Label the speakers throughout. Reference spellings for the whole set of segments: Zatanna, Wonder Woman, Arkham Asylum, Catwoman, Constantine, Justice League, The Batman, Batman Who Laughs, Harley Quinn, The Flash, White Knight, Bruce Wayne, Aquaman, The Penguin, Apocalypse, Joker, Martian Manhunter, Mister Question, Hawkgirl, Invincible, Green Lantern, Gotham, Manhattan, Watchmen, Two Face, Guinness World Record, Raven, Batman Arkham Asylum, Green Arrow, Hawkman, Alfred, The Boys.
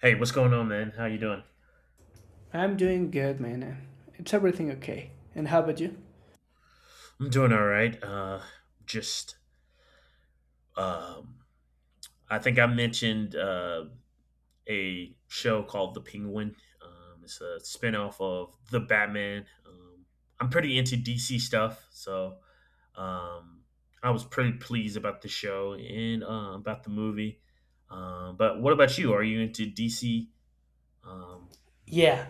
Speaker 1: Hey, what's going on, man? How you doing?
Speaker 2: I'm doing good, man. It's everything okay. And how about you?
Speaker 1: I'm doing all right. Just um, I think I mentioned a show called The Penguin. It's a spinoff of The Batman. I'm pretty into DC stuff, so um, I was pretty pleased about the show and about the movie. But what about you? Are you into DC? Um,
Speaker 2: Yeah,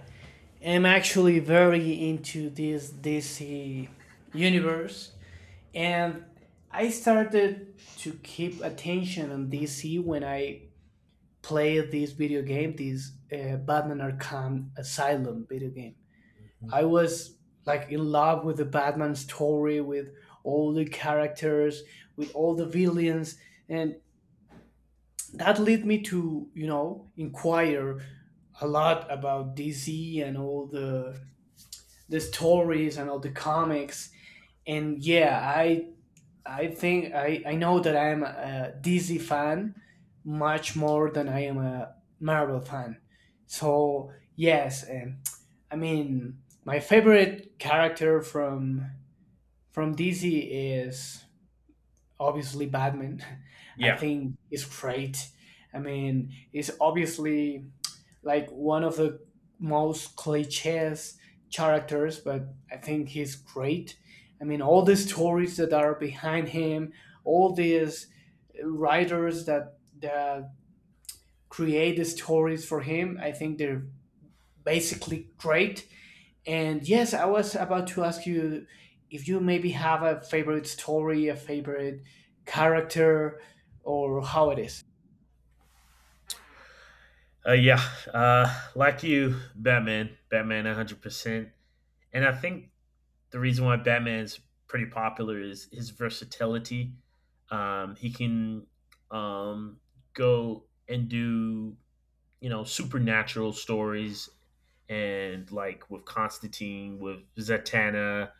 Speaker 2: I'm actually very into this DC universe, and I started to keep attention on DC when I played this video game, this Batman Arkham Asylum video game.
Speaker 1: mhm.
Speaker 2: I was like in love with the Batman story, with all the characters, with all the villains, and that led me to inquire a lot about DC and all the stories and all the comics, and yeah, I think I know that I am a DC fan much more than I am a Marvel fan. So yes, and I mean my favorite character from DC is obviously Batman. I
Speaker 1: Yeah,
Speaker 2: think is great. I mean, it's obviously like one of the most cliches characters, but I think he's great. I mean, all the stories that are behind him, all these writers that create the stories for him, I think they're basically great. And yes, I was about to ask you if you maybe have a favorite story, a favorite character, or how it is.
Speaker 1: yeah. Like you, Batman. Batman, 100%. And I think the reason why Batman is pretty popular is his versatility. He can um, go and do supernatural stories, and like with Constantine, with Zatanna,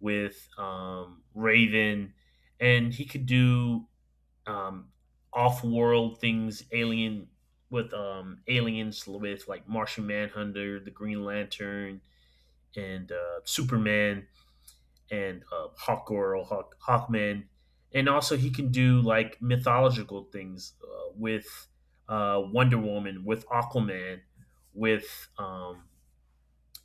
Speaker 1: with Raven, and he could do um, off-world things, alien with aliens, with like Martian Manhunter, the Green Lantern, and Superman and Hawkgirl, Hawkman, and also he can do like mythological things with Wonder Woman, with Aquaman, with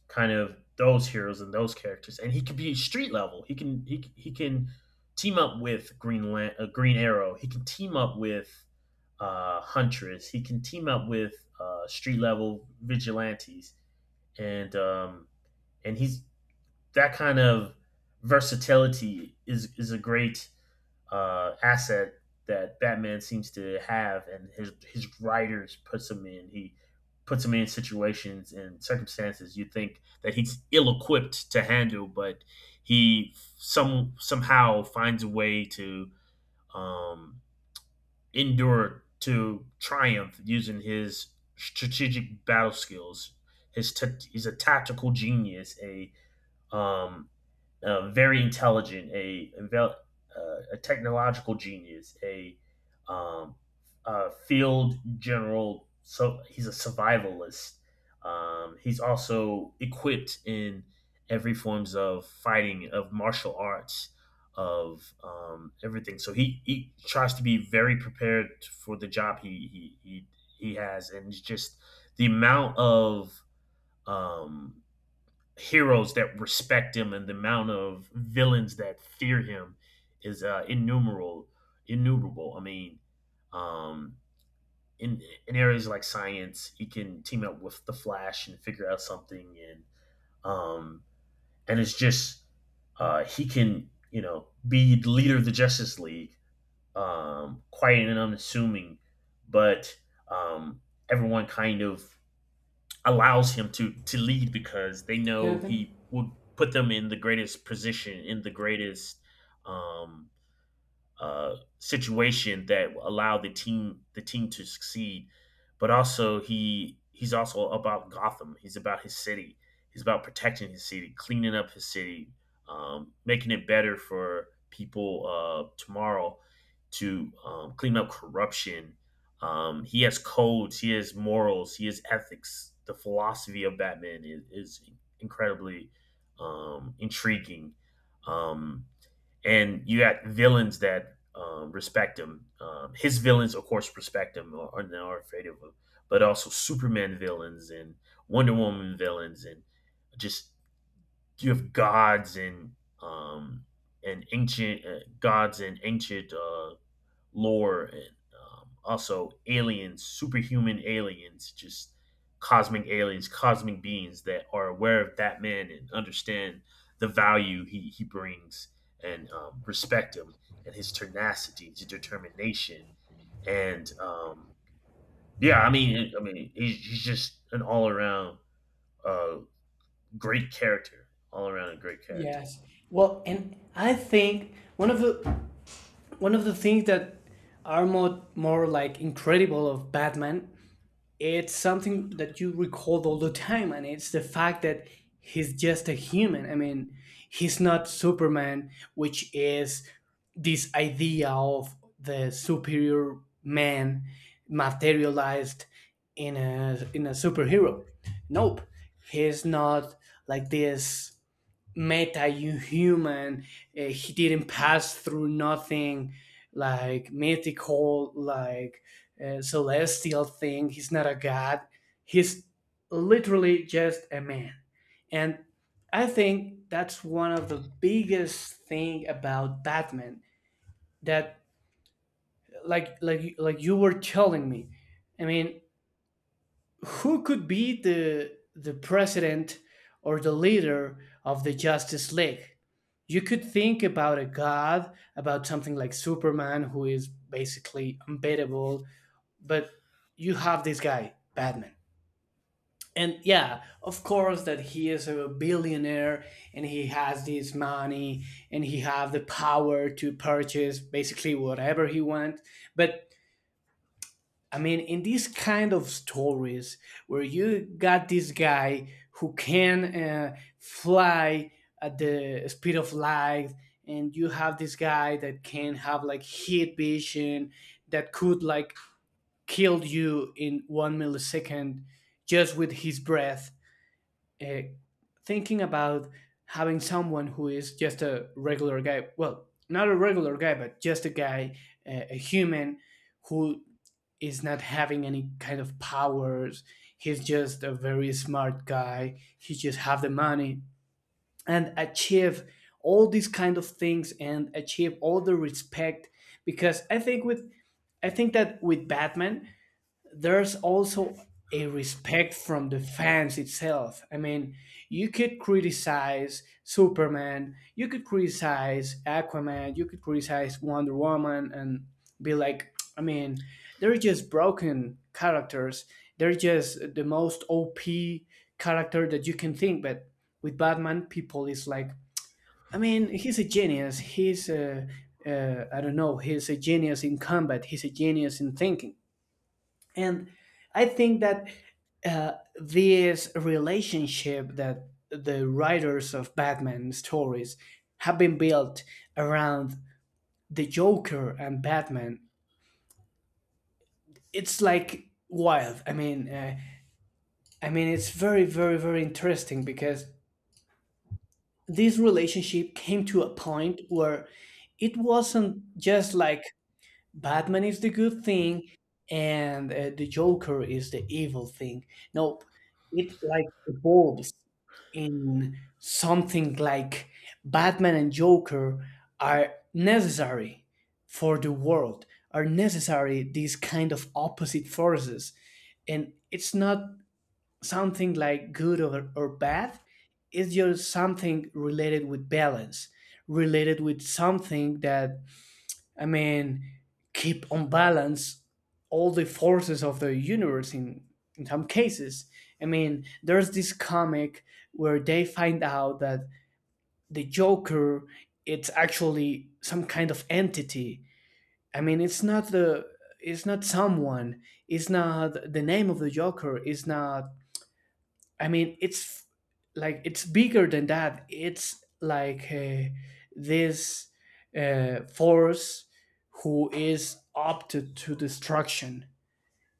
Speaker 1: kind of those heroes and those characters, and he can be street level. He can he can team up with Green Arrow. He can team up with Huntress. He can team up with street level vigilantes, and um, and he's that kind of versatility is a great asset that Batman seems to have, and his writers puts him in. He puts him in situations and circumstances you think that he's ill equipped to handle, but he somehow finds a way to um, endure, to triumph using his strategic battle skills. He's a tactical genius, a um, very intelligent, a technological genius, um, a field general. So he's a survivalist. He's also equipped in every forms of fighting, of martial arts, of everything. So he tries to be very prepared for the job he has, and it's just the amount of um, heroes that respect him and the amount of villains that fear him is innumerable. Innumerable. I mean, um, in areas like science, he can team up with the Flash and figure out something, um, and it's just he can be the leader of the Justice League, quiet and unassuming, but um, everyone kind of allows him to lead because they know
Speaker 2: Jonathan?
Speaker 1: he will put them in the greatest position, in the greatest um, situation that allowed the team to succeed. But also he's also about Gotham. He's about his city. He's about protecting his city, cleaning up his city, making it better for people tomorrow, to clean up corruption. He has codes. He has morals. He has ethics. The philosophy of Batman is incredibly intriguing. Um, and you got villains that respect him. His villains, of course, respect him or are now afraid of him, but also Superman villains and Wonder Woman villains, and just you have gods and um, and ancient gods and ancient lore and also aliens, superhuman aliens, just cosmic aliens, cosmic beings that are aware of that man and understand the value he brings, and respect him and his tenacity, his determination, and yeah, I mean, he's just an all around uh, great character, all around a great character.
Speaker 2: Yes. Well, and I think one of the things that are more like incredible of Batman, it's something that you recall all the time, and it's the fact that he's just a human. I mean, he's not Superman, which is this idea of the superior man materialized in a superhero. Nope, he's not like this meta human. He didn't pass through nothing like mythical, like celestial thing. He's not a god, he's literally just a man. And I think that's one of the biggest thing about Batman, that like you were telling me. I mean, who could be the president or the leader of the Justice League? You could think about a god, about something like Superman, who is basically unbeatable, but you have this guy, Batman. And yeah, of course that he is a billionaire and he has this money and he have the power to purchase basically whatever he wants. But I mean, in these kind of stories where you got this guy who can fly at the speed of light, and you have this guy that can have like heat vision that could like kill you in one millisecond just with his breath. Uh, Thinking about having someone who is just a regular guy, well, not a regular guy, but just a guy, a human who is not having any kind of powers. He's just a very smart guy. He just have the money and achieve all these kind of things and achieve all the respect. Because I think with I think that with Batman there's also a respect from the fans itself. I mean, you could criticize Superman, you could criticize Aquaman, you could criticize Wonder Woman, and be like, I mean, they're just broken characters. They're just the most OP character that you can think. But with Batman, people is like, I mean, he's a genius. He's a, I don't know, he's a genius in combat. He's a genius in thinking. And I think that this relationship that the writers of Batman stories have been built around the Joker and Batman, it's like wild. I mean, I mean it's very very interesting, because this relationship came to a point where it wasn't just like Batman is the good thing and the Joker is the evil thing. Nope, it like evolves in something like Batman and Joker are necessary for the world, are necessary these kind of opposite forces. And it's not something like good or bad, it's just something related with balance, related with something that, I mean, keep on balance all the forces of the universe in some cases. I mean, there's this comic where they find out that the Joker, it's actually some kind of entity. I mean, it's not the it's not someone. It's not the name of the Joker. It's not I mean, it's like it's bigger than that. It's like this force who is up to destruction.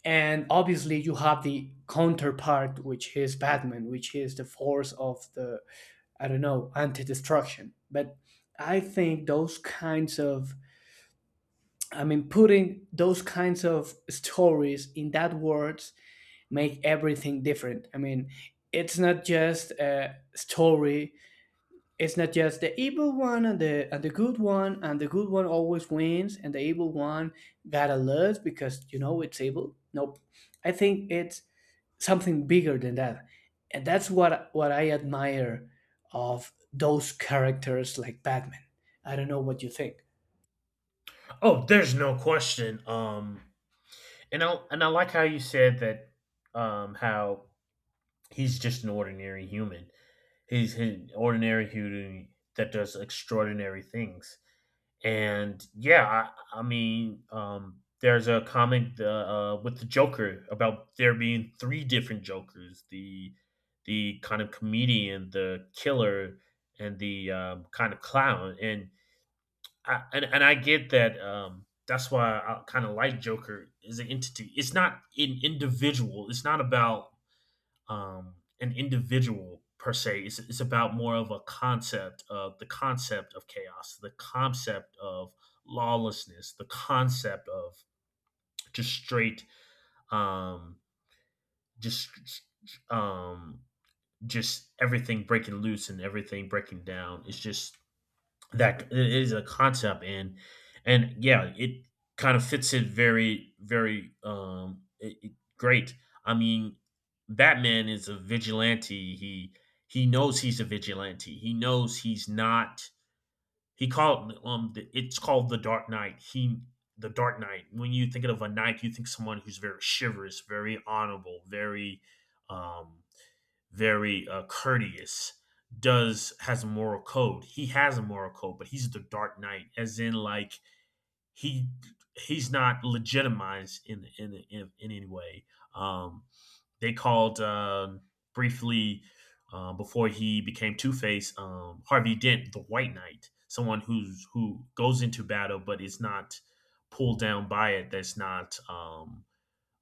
Speaker 2: And obviously, you have the counterpart, which is Batman, which is the force of the, I don't know, anti destruction. But I think those kinds of, I mean, putting those kinds of stories in that words make everything different. I mean, it's not just a story. It's not just the evil one and the good one, and the good one always wins, and the evil one gotta lose because it's evil. Nope, I think it's something bigger than that, and that's what I admire of those characters like Batman. I don't know what you think.
Speaker 1: Oh, there's no question. And I like how you said that how he's just an ordinary human. He's an ordinary human that does extraordinary things. And yeah, I mean, there's a comic with the Joker about there being three different Jokers: the kind of comedian, the killer, and the kind of clown. And I get that. That's why I kind of like Joker as an entity. It's not an individual. It's not about um, an individual per se. It's about more of a concept of the concept of chaos, the concept of lawlessness, the concept of just straight, um, just, um, just everything breaking loose and everything breaking down. It's just that it is a concept, and yeah, it kind of fits it very, very, great. I mean, Batman is a vigilante. He knows he's a vigilante. He knows he's not. It's called the Dark Knight. He The Dark Knight. When you think of a knight, you think someone who's very chivalrous, very honorable, um very courteous, does has a moral code. He has a moral code, but he's the Dark Knight, as in like he he's not legitimized in any way. um they called briefly, before he became Two Face, Harvey Dent, the White Knight, someone who's who goes into battle but is not pulled down by it. That's not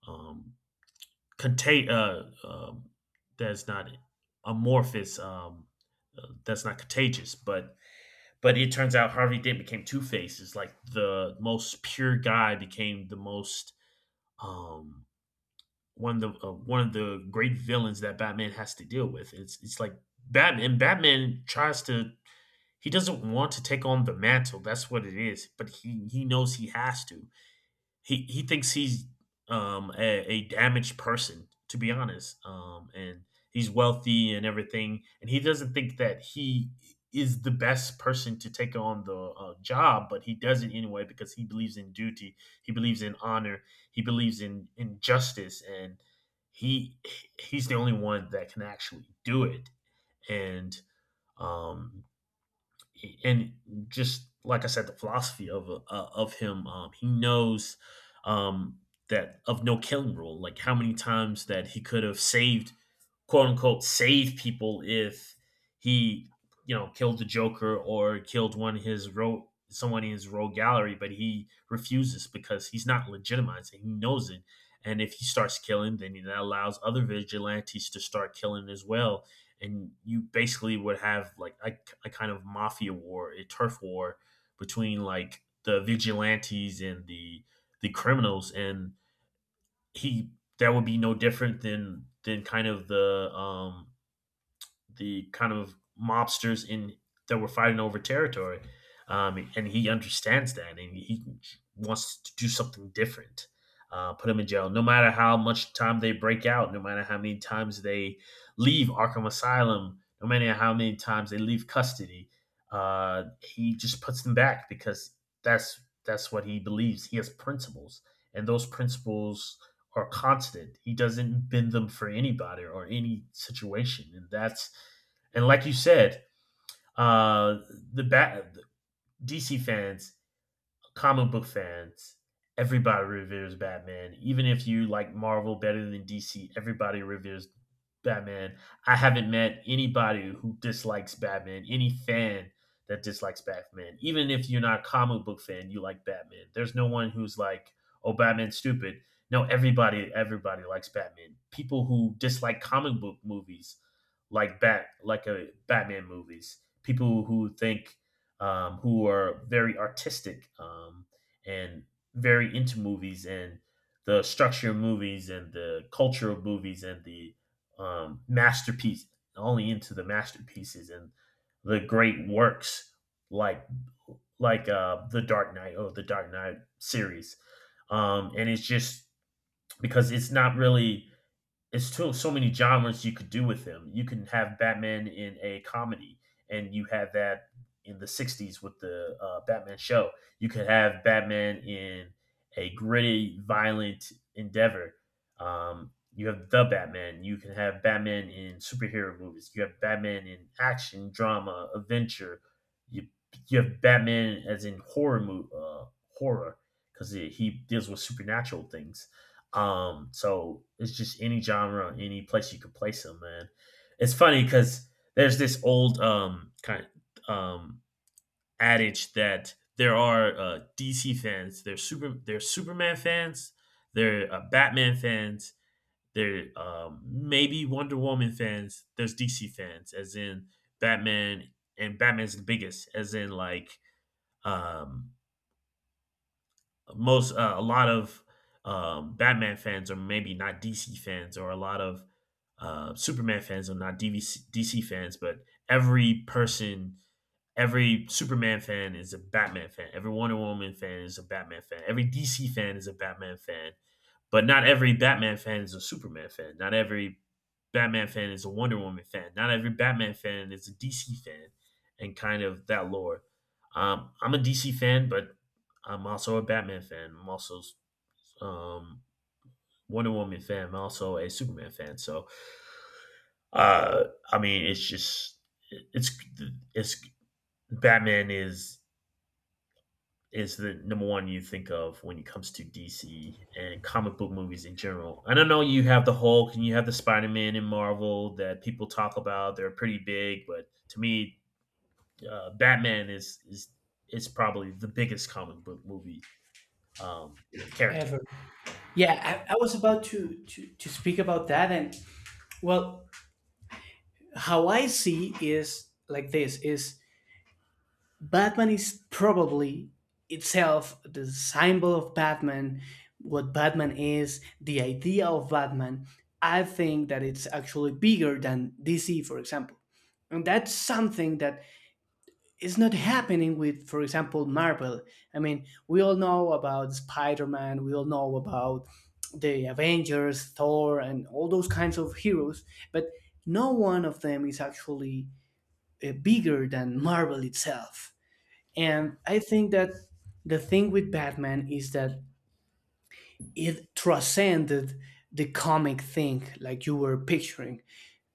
Speaker 1: um, contain that's not amorphous, that's not contagious. But it turns out Harvey Dent became two faces. Like the most pure guy became the most um one of the great villains that Batman has to deal with. It's like Batman tries to, he doesn't want to take on the mantle. That's what it is, but he knows he has to. He thinks he's a damaged person, to be honest, and he's wealthy and everything, and he doesn't think that he is the best person to take on the job, but he does it anyway because he believes in duty. He believes in honor. He believes in justice, and he he's the only one that can actually do it, and um and just like I said, the philosophy of him, he knows um, that of no killing rule. Like how many times that he could have saved, quote unquote save people if he killed the Joker or killed one of his rogue someone in his rogue gallery, but he refuses because he's not legitimizing. He knows it. And if he starts killing, then that allows other vigilantes to start killing as well. And you basically would have like a kind of mafia war, a turf war between like the vigilantes and the criminals. And he that would be no different than kind of the mobsters in that were fighting over territory. And he understands that, and he wants to do something different. Put him in jail, no matter how much time they break out, no matter how many times they leave Arkham Asylum, no matter how many times they leave custody. He just puts them back because that's what he believes. He has principles, and those principles are constant. He doesn't bend them for anybody or any situation, and that's, and like you said, uh, the bat DC fans, comic book fans, everybody reveres Batman. Even if you like Marvel better than DC, everybody reveres Batman. I haven't met anybody who dislikes Batman, any fan that dislikes Batman. Even if you're not a comic book fan, you like Batman. There's no one who's like, oh, Batman's stupid. No, everybody likes Batman. People who dislike comic book movies like Bat, like a Batman movies. People who think who are very artistic, and very into movies and the structure of movies and the culture of movies and the masterpiece, only into the masterpieces and the great works like like the Dark Knight or the Dark Knight series. And it's just, because it's not really, it's still so many genres you could do with him. You can have Batman in a comedy, and you had that in the '60s with the Batman show. You could have Batman in a gritty, violent endeavor. You have the Batman. You can have Batman in superhero movies. You have Batman in action, drama, adventure. You you have Batman as in horror, because he deals with supernatural things. So it's just any genre, any place you could place them, man. It's funny because there's this old kind of adage that there are DC fans, they're Superman fans, they're Batman fans, they're maybe Wonder Woman fans. There's DC fans, as in Batman, and Batman's the biggest, as in like um most a lot of Batman fans are maybe not DC fans, or a lot of Superman fans are not DC fans, but every person every Superman fan is a Batman fan. Every Wonder Woman fan is a Batman fan. Every DC fan is a Batman fan. But not every Batman fan is a Superman fan. Not every Batman fan is a Wonder Woman fan. Not every Batman fan is a DC fan, and kind of that lore. I'm a DC fan, but I'm also a Batman fan. I'm also um, Wonder Woman fan. I'm also a Superman fan. So uh, I mean, it's just it's it's Batman is the number one you think of when it comes to DC and comic book movies in general. And I know you have the Hulk and you have the Spider Man in Marvel that people talk about. They're pretty big, but to me, Batman is probably the biggest comic book movie um, character.
Speaker 2: Ever? Yeah, I was about to, to speak about that, and well, how I see is like this is Batman is probably itself the symbol of Batman, what Batman is, the idea of Batman. I think that it's actually bigger than DC, for example. And that's something that is not happening with, for example, Marvel. I mean, we all know about Spider Man, we all know about the Avengers, Thor, and all those kinds of heroes, but no one of them is actually bigger than Marvel itself. And I think that the thing with Batman is that it transcended the comic thing, like you were picturing.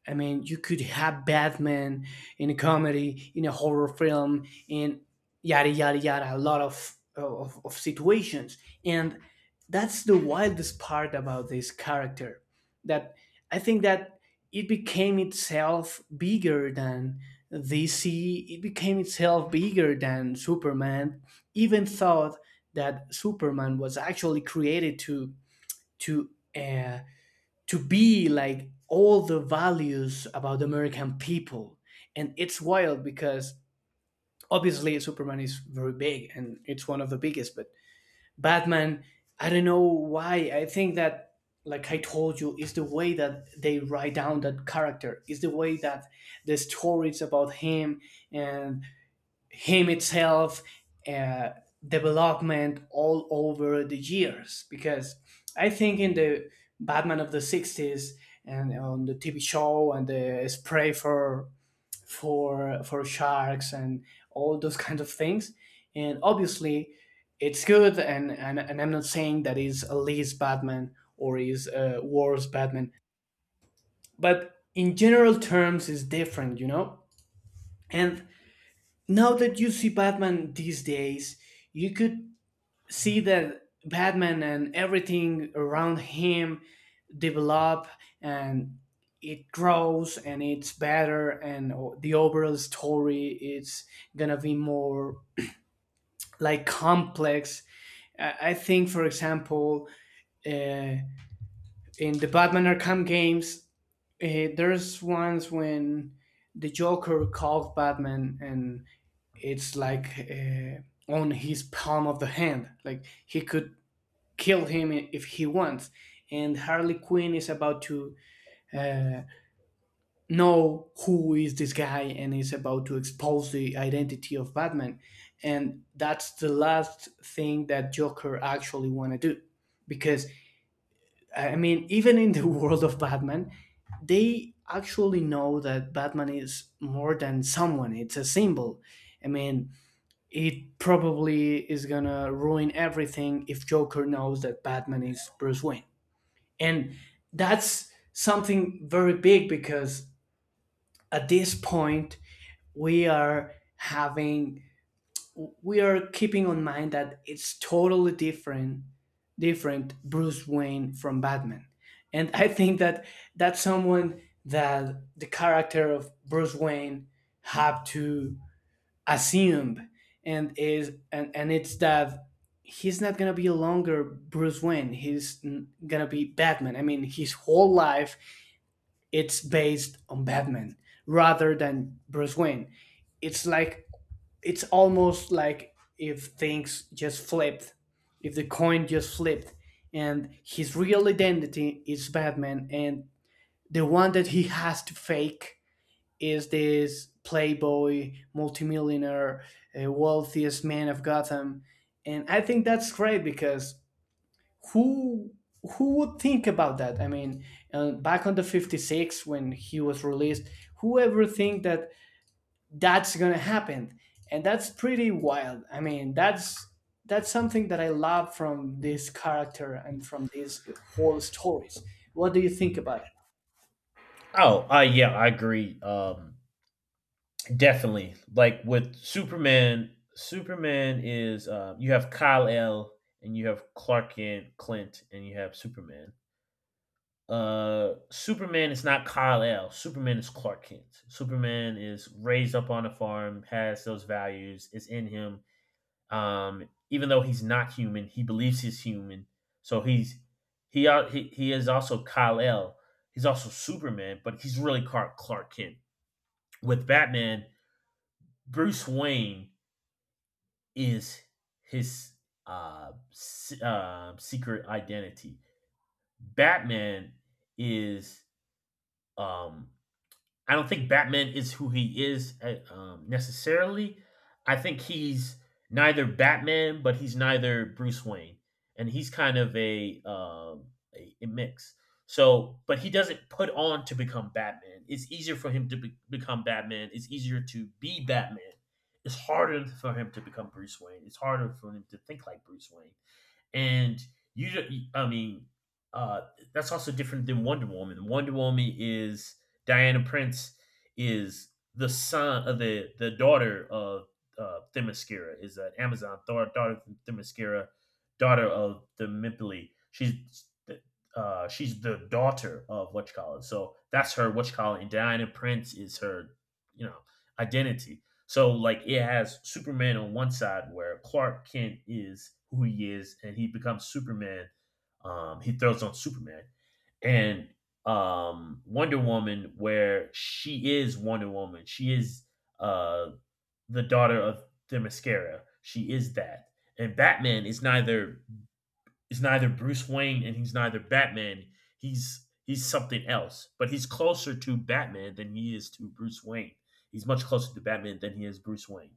Speaker 2: I mean, you could have Batman in a comedy, in a horror film, in yada yada yada, a lot of situations, and that's the wildest part about this character. That I think that it became itself bigger than DC. It became itself bigger than Superman. Even thought that Superman was actually created to to uh, to be like all the values about the American people. And it's wild because obviously Superman is very big and it's one of the biggest, but Batman, I don't know why. I think that, like I told you, is the way that they write down that character, is the way that the stories about him and him itself uh, development all over the years. Because I think in the Batman of the 60s and on the TV show and the spray for sharks and all those kinds of things, and obviously it's good, and and I'm not saying that is a least Batman or is a worse Batman, but in general terms is different, you know. And now that you see Batman these days, you could see that Batman and everything around him develop and it grows and it's better, and o- the overall story is gonna be more like complex. I think, for example, uh, in the Batman Arkham games, there's ones when the Joker calls Batman, and it's like on his palm of the hand. Like he could kill him if he wants. And Harley Quinn is about to uh, know who is this guy, and is about to expose the identity of Batman. And that's the last thing that Joker actually want to do. Because, I mean, even in the world of Batman, they actually know that Batman is more than someone, it's a symbol. I mean, it probably is gonna ruin everything if Joker knows that Batman is Bruce Wayne. And that's something very big because at this point we are having we are keeping on mind that it's totally different Bruce Wayne from Batman. And I think that that's someone that the character of Bruce Wayne have to assume, and and it's that he's not gonna be longer Bruce Wayne. He's n- gonna be Batman. I mean, his whole life it's based on Batman rather than Bruce Wayne. It's like it's almost like if things just flipped, if the coin just flipped, and his real identity is Batman, and the one that he has to fake is this playboy, multimillionaire, wealthiest man of Gotham, and I think that's great because who would think about that? I mean, back on the '56 when he was released, whoever think that that's gonna happen, and that's pretty wild. I mean, that's something that I love from this character and from these whole stories. What do you think about it?
Speaker 1: Oh, yeah, I agree. Definitely, like with Superman. Superman is you have Kyle L and you have Clark Kent, Clint, and you have Superman. Superman is not Kal-El. Superman is Clark Kent. Superman is raised up on a farm, has those values, is in him. Even though he's not human, he believes he's human. So he is also Kal-El. He's also Superman, but he's really Clark Kent. With Batman, Bruce Wayne is his uh, secret identity. Batman is um I don't think Batman is who he is necessarily. I think he's neither Batman, but he's neither Bruce Wayne, and he's kind of a a mix. So, but he doesn't put on to become Batman. It's easier for him to be- Become Batman. It's easier to be Batman. It's harder for him to become Bruce Wayne. It's harder for him to think like Bruce Wayne and you I mean uh that's also different than Wonder Woman. Wonder Woman is Diana Prince. Is The son of the daughter of Themyscira, is an Amazon, daughter of Themyscira, daughter of the Mipoli. She's the daughter of what you so that's her what you and Diana Prince is her, you know, identity. So like it has Superman on one side where Clark Kent is who he is and he becomes Superman. He throws on Superman and Wonder Woman where she is Wonder Woman. She is uh, the daughter of Themyscira. She is that. And Batman is neither Bruce Wayne and he's neither Batman. He's something else, but he's closer to Batman than he is to Bruce Wayne. He's much closer to Batman than he is Bruce Wayne.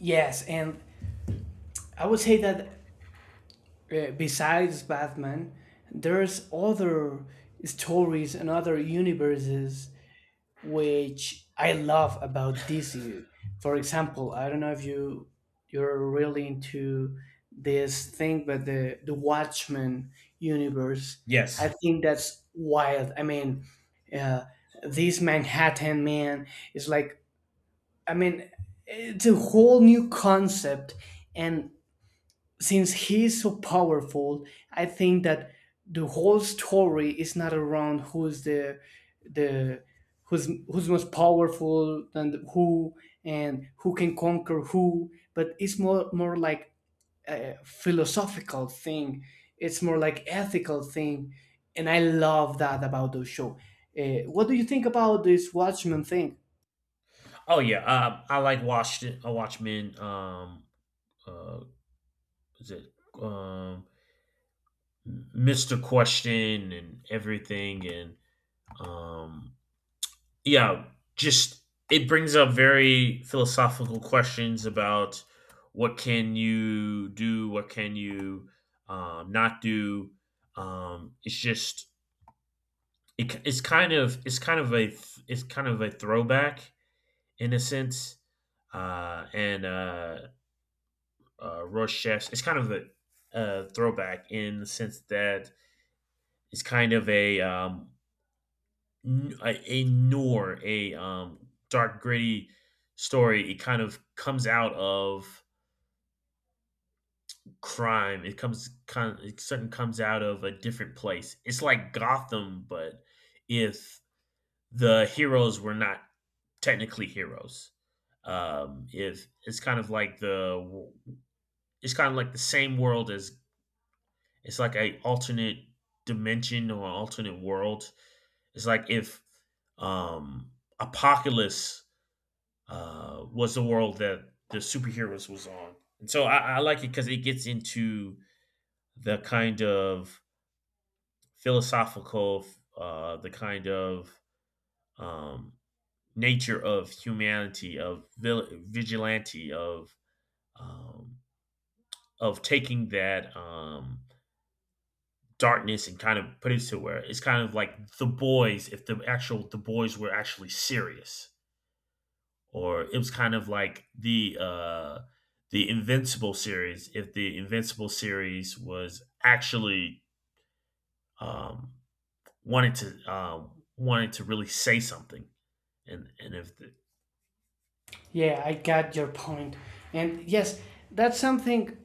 Speaker 2: Yes, and I would say that besides Batman, there's other stories and other universes which I love about DC. For example, I don't know if you you're really into this thing, but the Watchmen universe, I
Speaker 1: Yes.
Speaker 2: think that's wild. I mean, uh, this Manhattan man is like, I mean, it's a whole new concept, and since he's so powerful, I think that the whole story is not around who's the the who's most powerful and who can conquer who, but it's more like a philosophical thing. It's more like ethical thing, and I love that about the show. What do you think about this Watchmen thing?
Speaker 1: Oh, yeah. I like Washington. I Watchmen. Uh, is it um, Mister Question and everything and um, yeah, just it brings up very philosophical questions about what can you do, what can you not do. It's just it, it's kind of it's kind of a it's kind of a throwback, in a sense, and Rush Chefs. It's kind of a, throwback in the sense that it's kind of a a noir, a dark, gritty story. It kind of comes out of crime. It certain comes out of a different place. It's like Gotham, but if the heroes were not technically heroes, if it's kind of like the same world as. It's like a alternate dimension or alternate world. It's like if um, Apocalypse was the world that the superheroes was on. And so I like it because it gets into the kind of philosophical, the kind of um, nature of humanity, of vigilante, um, of taking that darkness and kind of put it to where it's kind of like the boys, if the actual the boys were actually serious, or it was kind of like the invincible series, if the invincible series was actually um wanted to really say something, and if the,
Speaker 2: Yeah, I got your point. And yes, that's something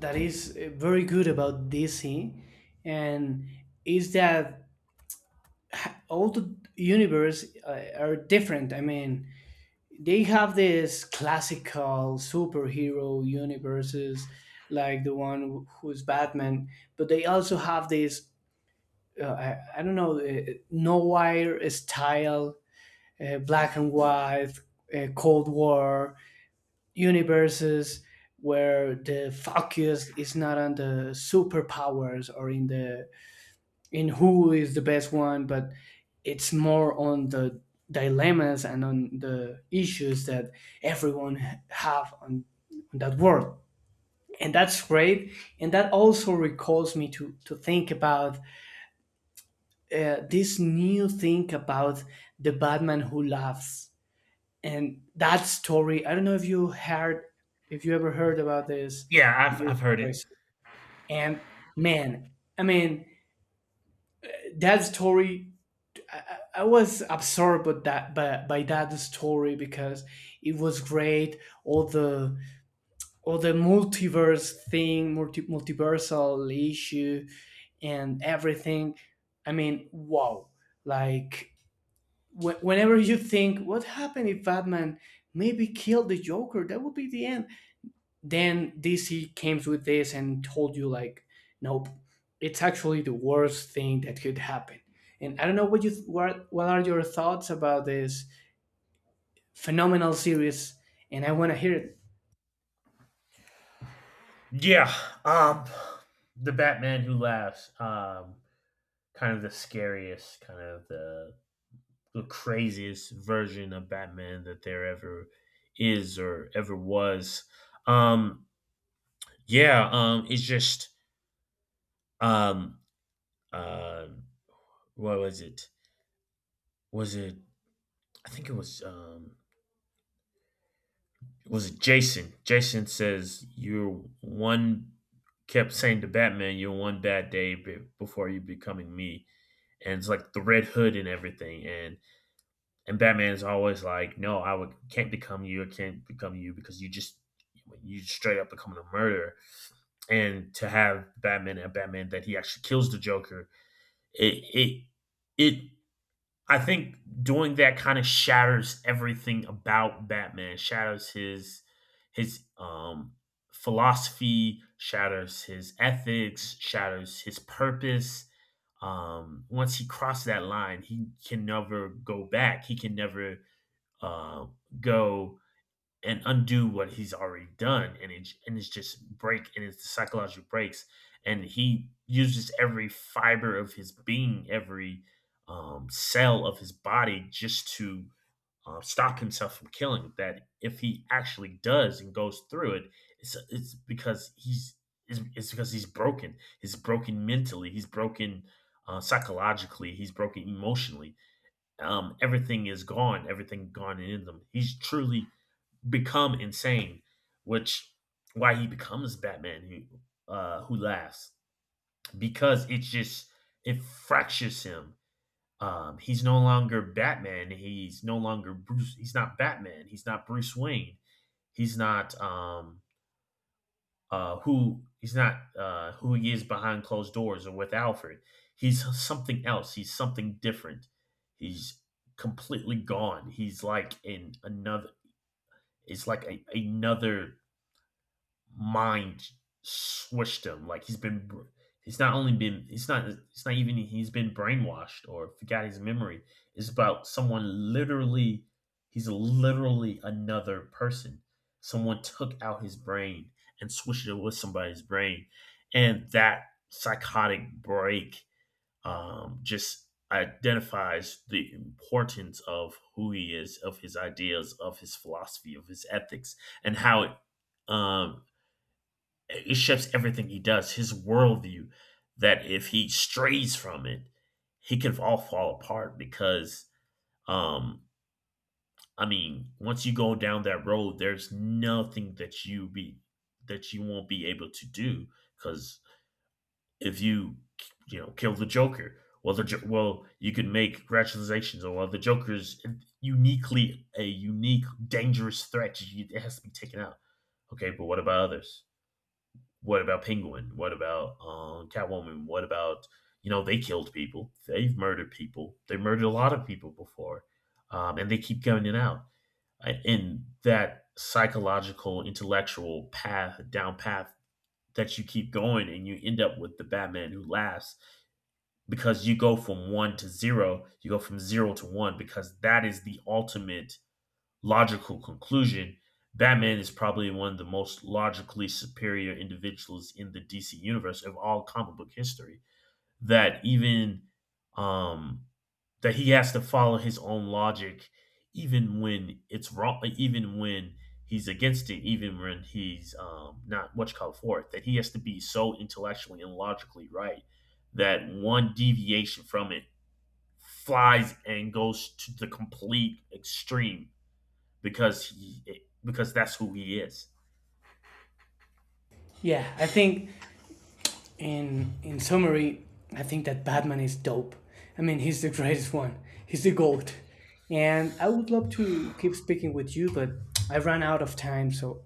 Speaker 2: that is very good about DC, and is that all the universe are different. I mean, they have this classical superhero universes, like the one who's Batman, but they also have this I don't know no wire style, black and white, Cold War universes where the focus is not on the superpowers or in the in who is the best one, but it's more on the dilemmas and on the issues that everyone have on that world. And that's great. And that also recalls me to think about this new thing about the Batman who laughs. And that story, I don't know if you heard, if you ever heard about this
Speaker 1: yeah i've
Speaker 2: this
Speaker 1: i've heard
Speaker 2: story.
Speaker 1: it.
Speaker 2: And man, I mean, that story I, I was absorbed with that by that story because it was great. All the multiverse thing, multiversal issue, and everything. I mean, wow! Like wh- whenever you think, what happened if Batman maybe killed the Joker? That would be the end. Then DC came with this and told you like, nope, it's actually the worst thing that could happen. And I don't know what you what are your thoughts about this phenomenal series, and I want to hear it.
Speaker 1: Yeah. um the Batman Who Laughs, kind of the scariest, kind of the craziest version of Batman that there ever is or ever was. Um, yeah, it's just um, uh, what was it? Was it? I think it was. Was it Jason? Jason says you're one. Kept saying to Batman, "You're one bad day before you becoming me," and it's like the Red Hood and everything, and Batman is always like, "No, I would can't become you. I can't become you because you straight up becoming a murderer." And to have Batman and Batman that he actually kills the Joker, it it it I think doing that kind of shatters everything about Batman. Shatters his his um philosophy, shatters his ethics, shatters his purpose. Once he crossed that line, he can never go back. He can never uh, go and undo what he's already done, and it's just break, and it's the psychological breaks, and he uses every fiber of his being, every cell of his body, just to stop himself from killing. That if he actually does and goes through it, it's it's because he's it's because he's broken. He's broken mentally. He's broken psychologically. He's broken emotionally. Everything is gone, everything gone in them. He's truly become insane, which why he becomes Batman who laughs, because it's just it fractures him. He's no longer Batman. He's no longer Bruce. He's not Batman. He's not Bruce Wayne. He's not who he's not who he is behind closed doors or with Alfred. He's something else. He's something different. He's completely gone. He's like in another. It's like a, another mind swished him. He's not only been, it's not even he's been brainwashed or forgot his memory. It's about someone literally, he's literally another person. Someone took out his brain and swished it with somebody's brain, and that psychotic break just identifies the importance of who he is, of his ideas, of his philosophy, of his ethics, and how it um, it shapes everything he does, his worldview. That if he strays from it, he can all fall apart because, um, I mean, once you go down that road, there's nothing that you be that you won't be able to do, because if you, you know, kill the Joker, well you can make rationalizations, or well the Joker's uniquely a unique dangerous threat. It has to be taken out. Okay, but what about others? What about Penguin? What about Catwoman? What about, you know, they killed people, they've murdered people, they murdered a lot of people before, and they keep coming out. And that psychological, intellectual path down path that you keep going, and you end up with the Batman Who Laughs, because you go from one to zero, you go from zero to one, because that is the ultimate logical conclusion. Batman is probably one of the most logically superior individuals in the DC universe of all comic book history. That even, um, that he has to follow his own logic, even when it's wrong, even when he's against it, even when he's not what you call for it. That he has to be so intellectually and logically right that one deviation from it flies and goes to the complete extreme, because he, because that's who he is.
Speaker 2: Yeah, I think in summary, I think that Batman is dope. I mean, he's the greatest one. He's the goat. And I would love to keep speaking with you, but I ran out of time, so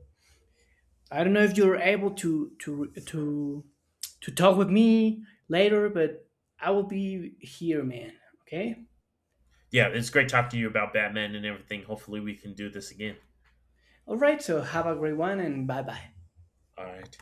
Speaker 2: I don't know if you're able to talk with me later, but I will be here, man. Okay.
Speaker 1: Yeah, it's great talking to you about Batman and everything. Hopefully, we can do this again.
Speaker 2: All right. So have a great one, and bye bye.
Speaker 1: All right.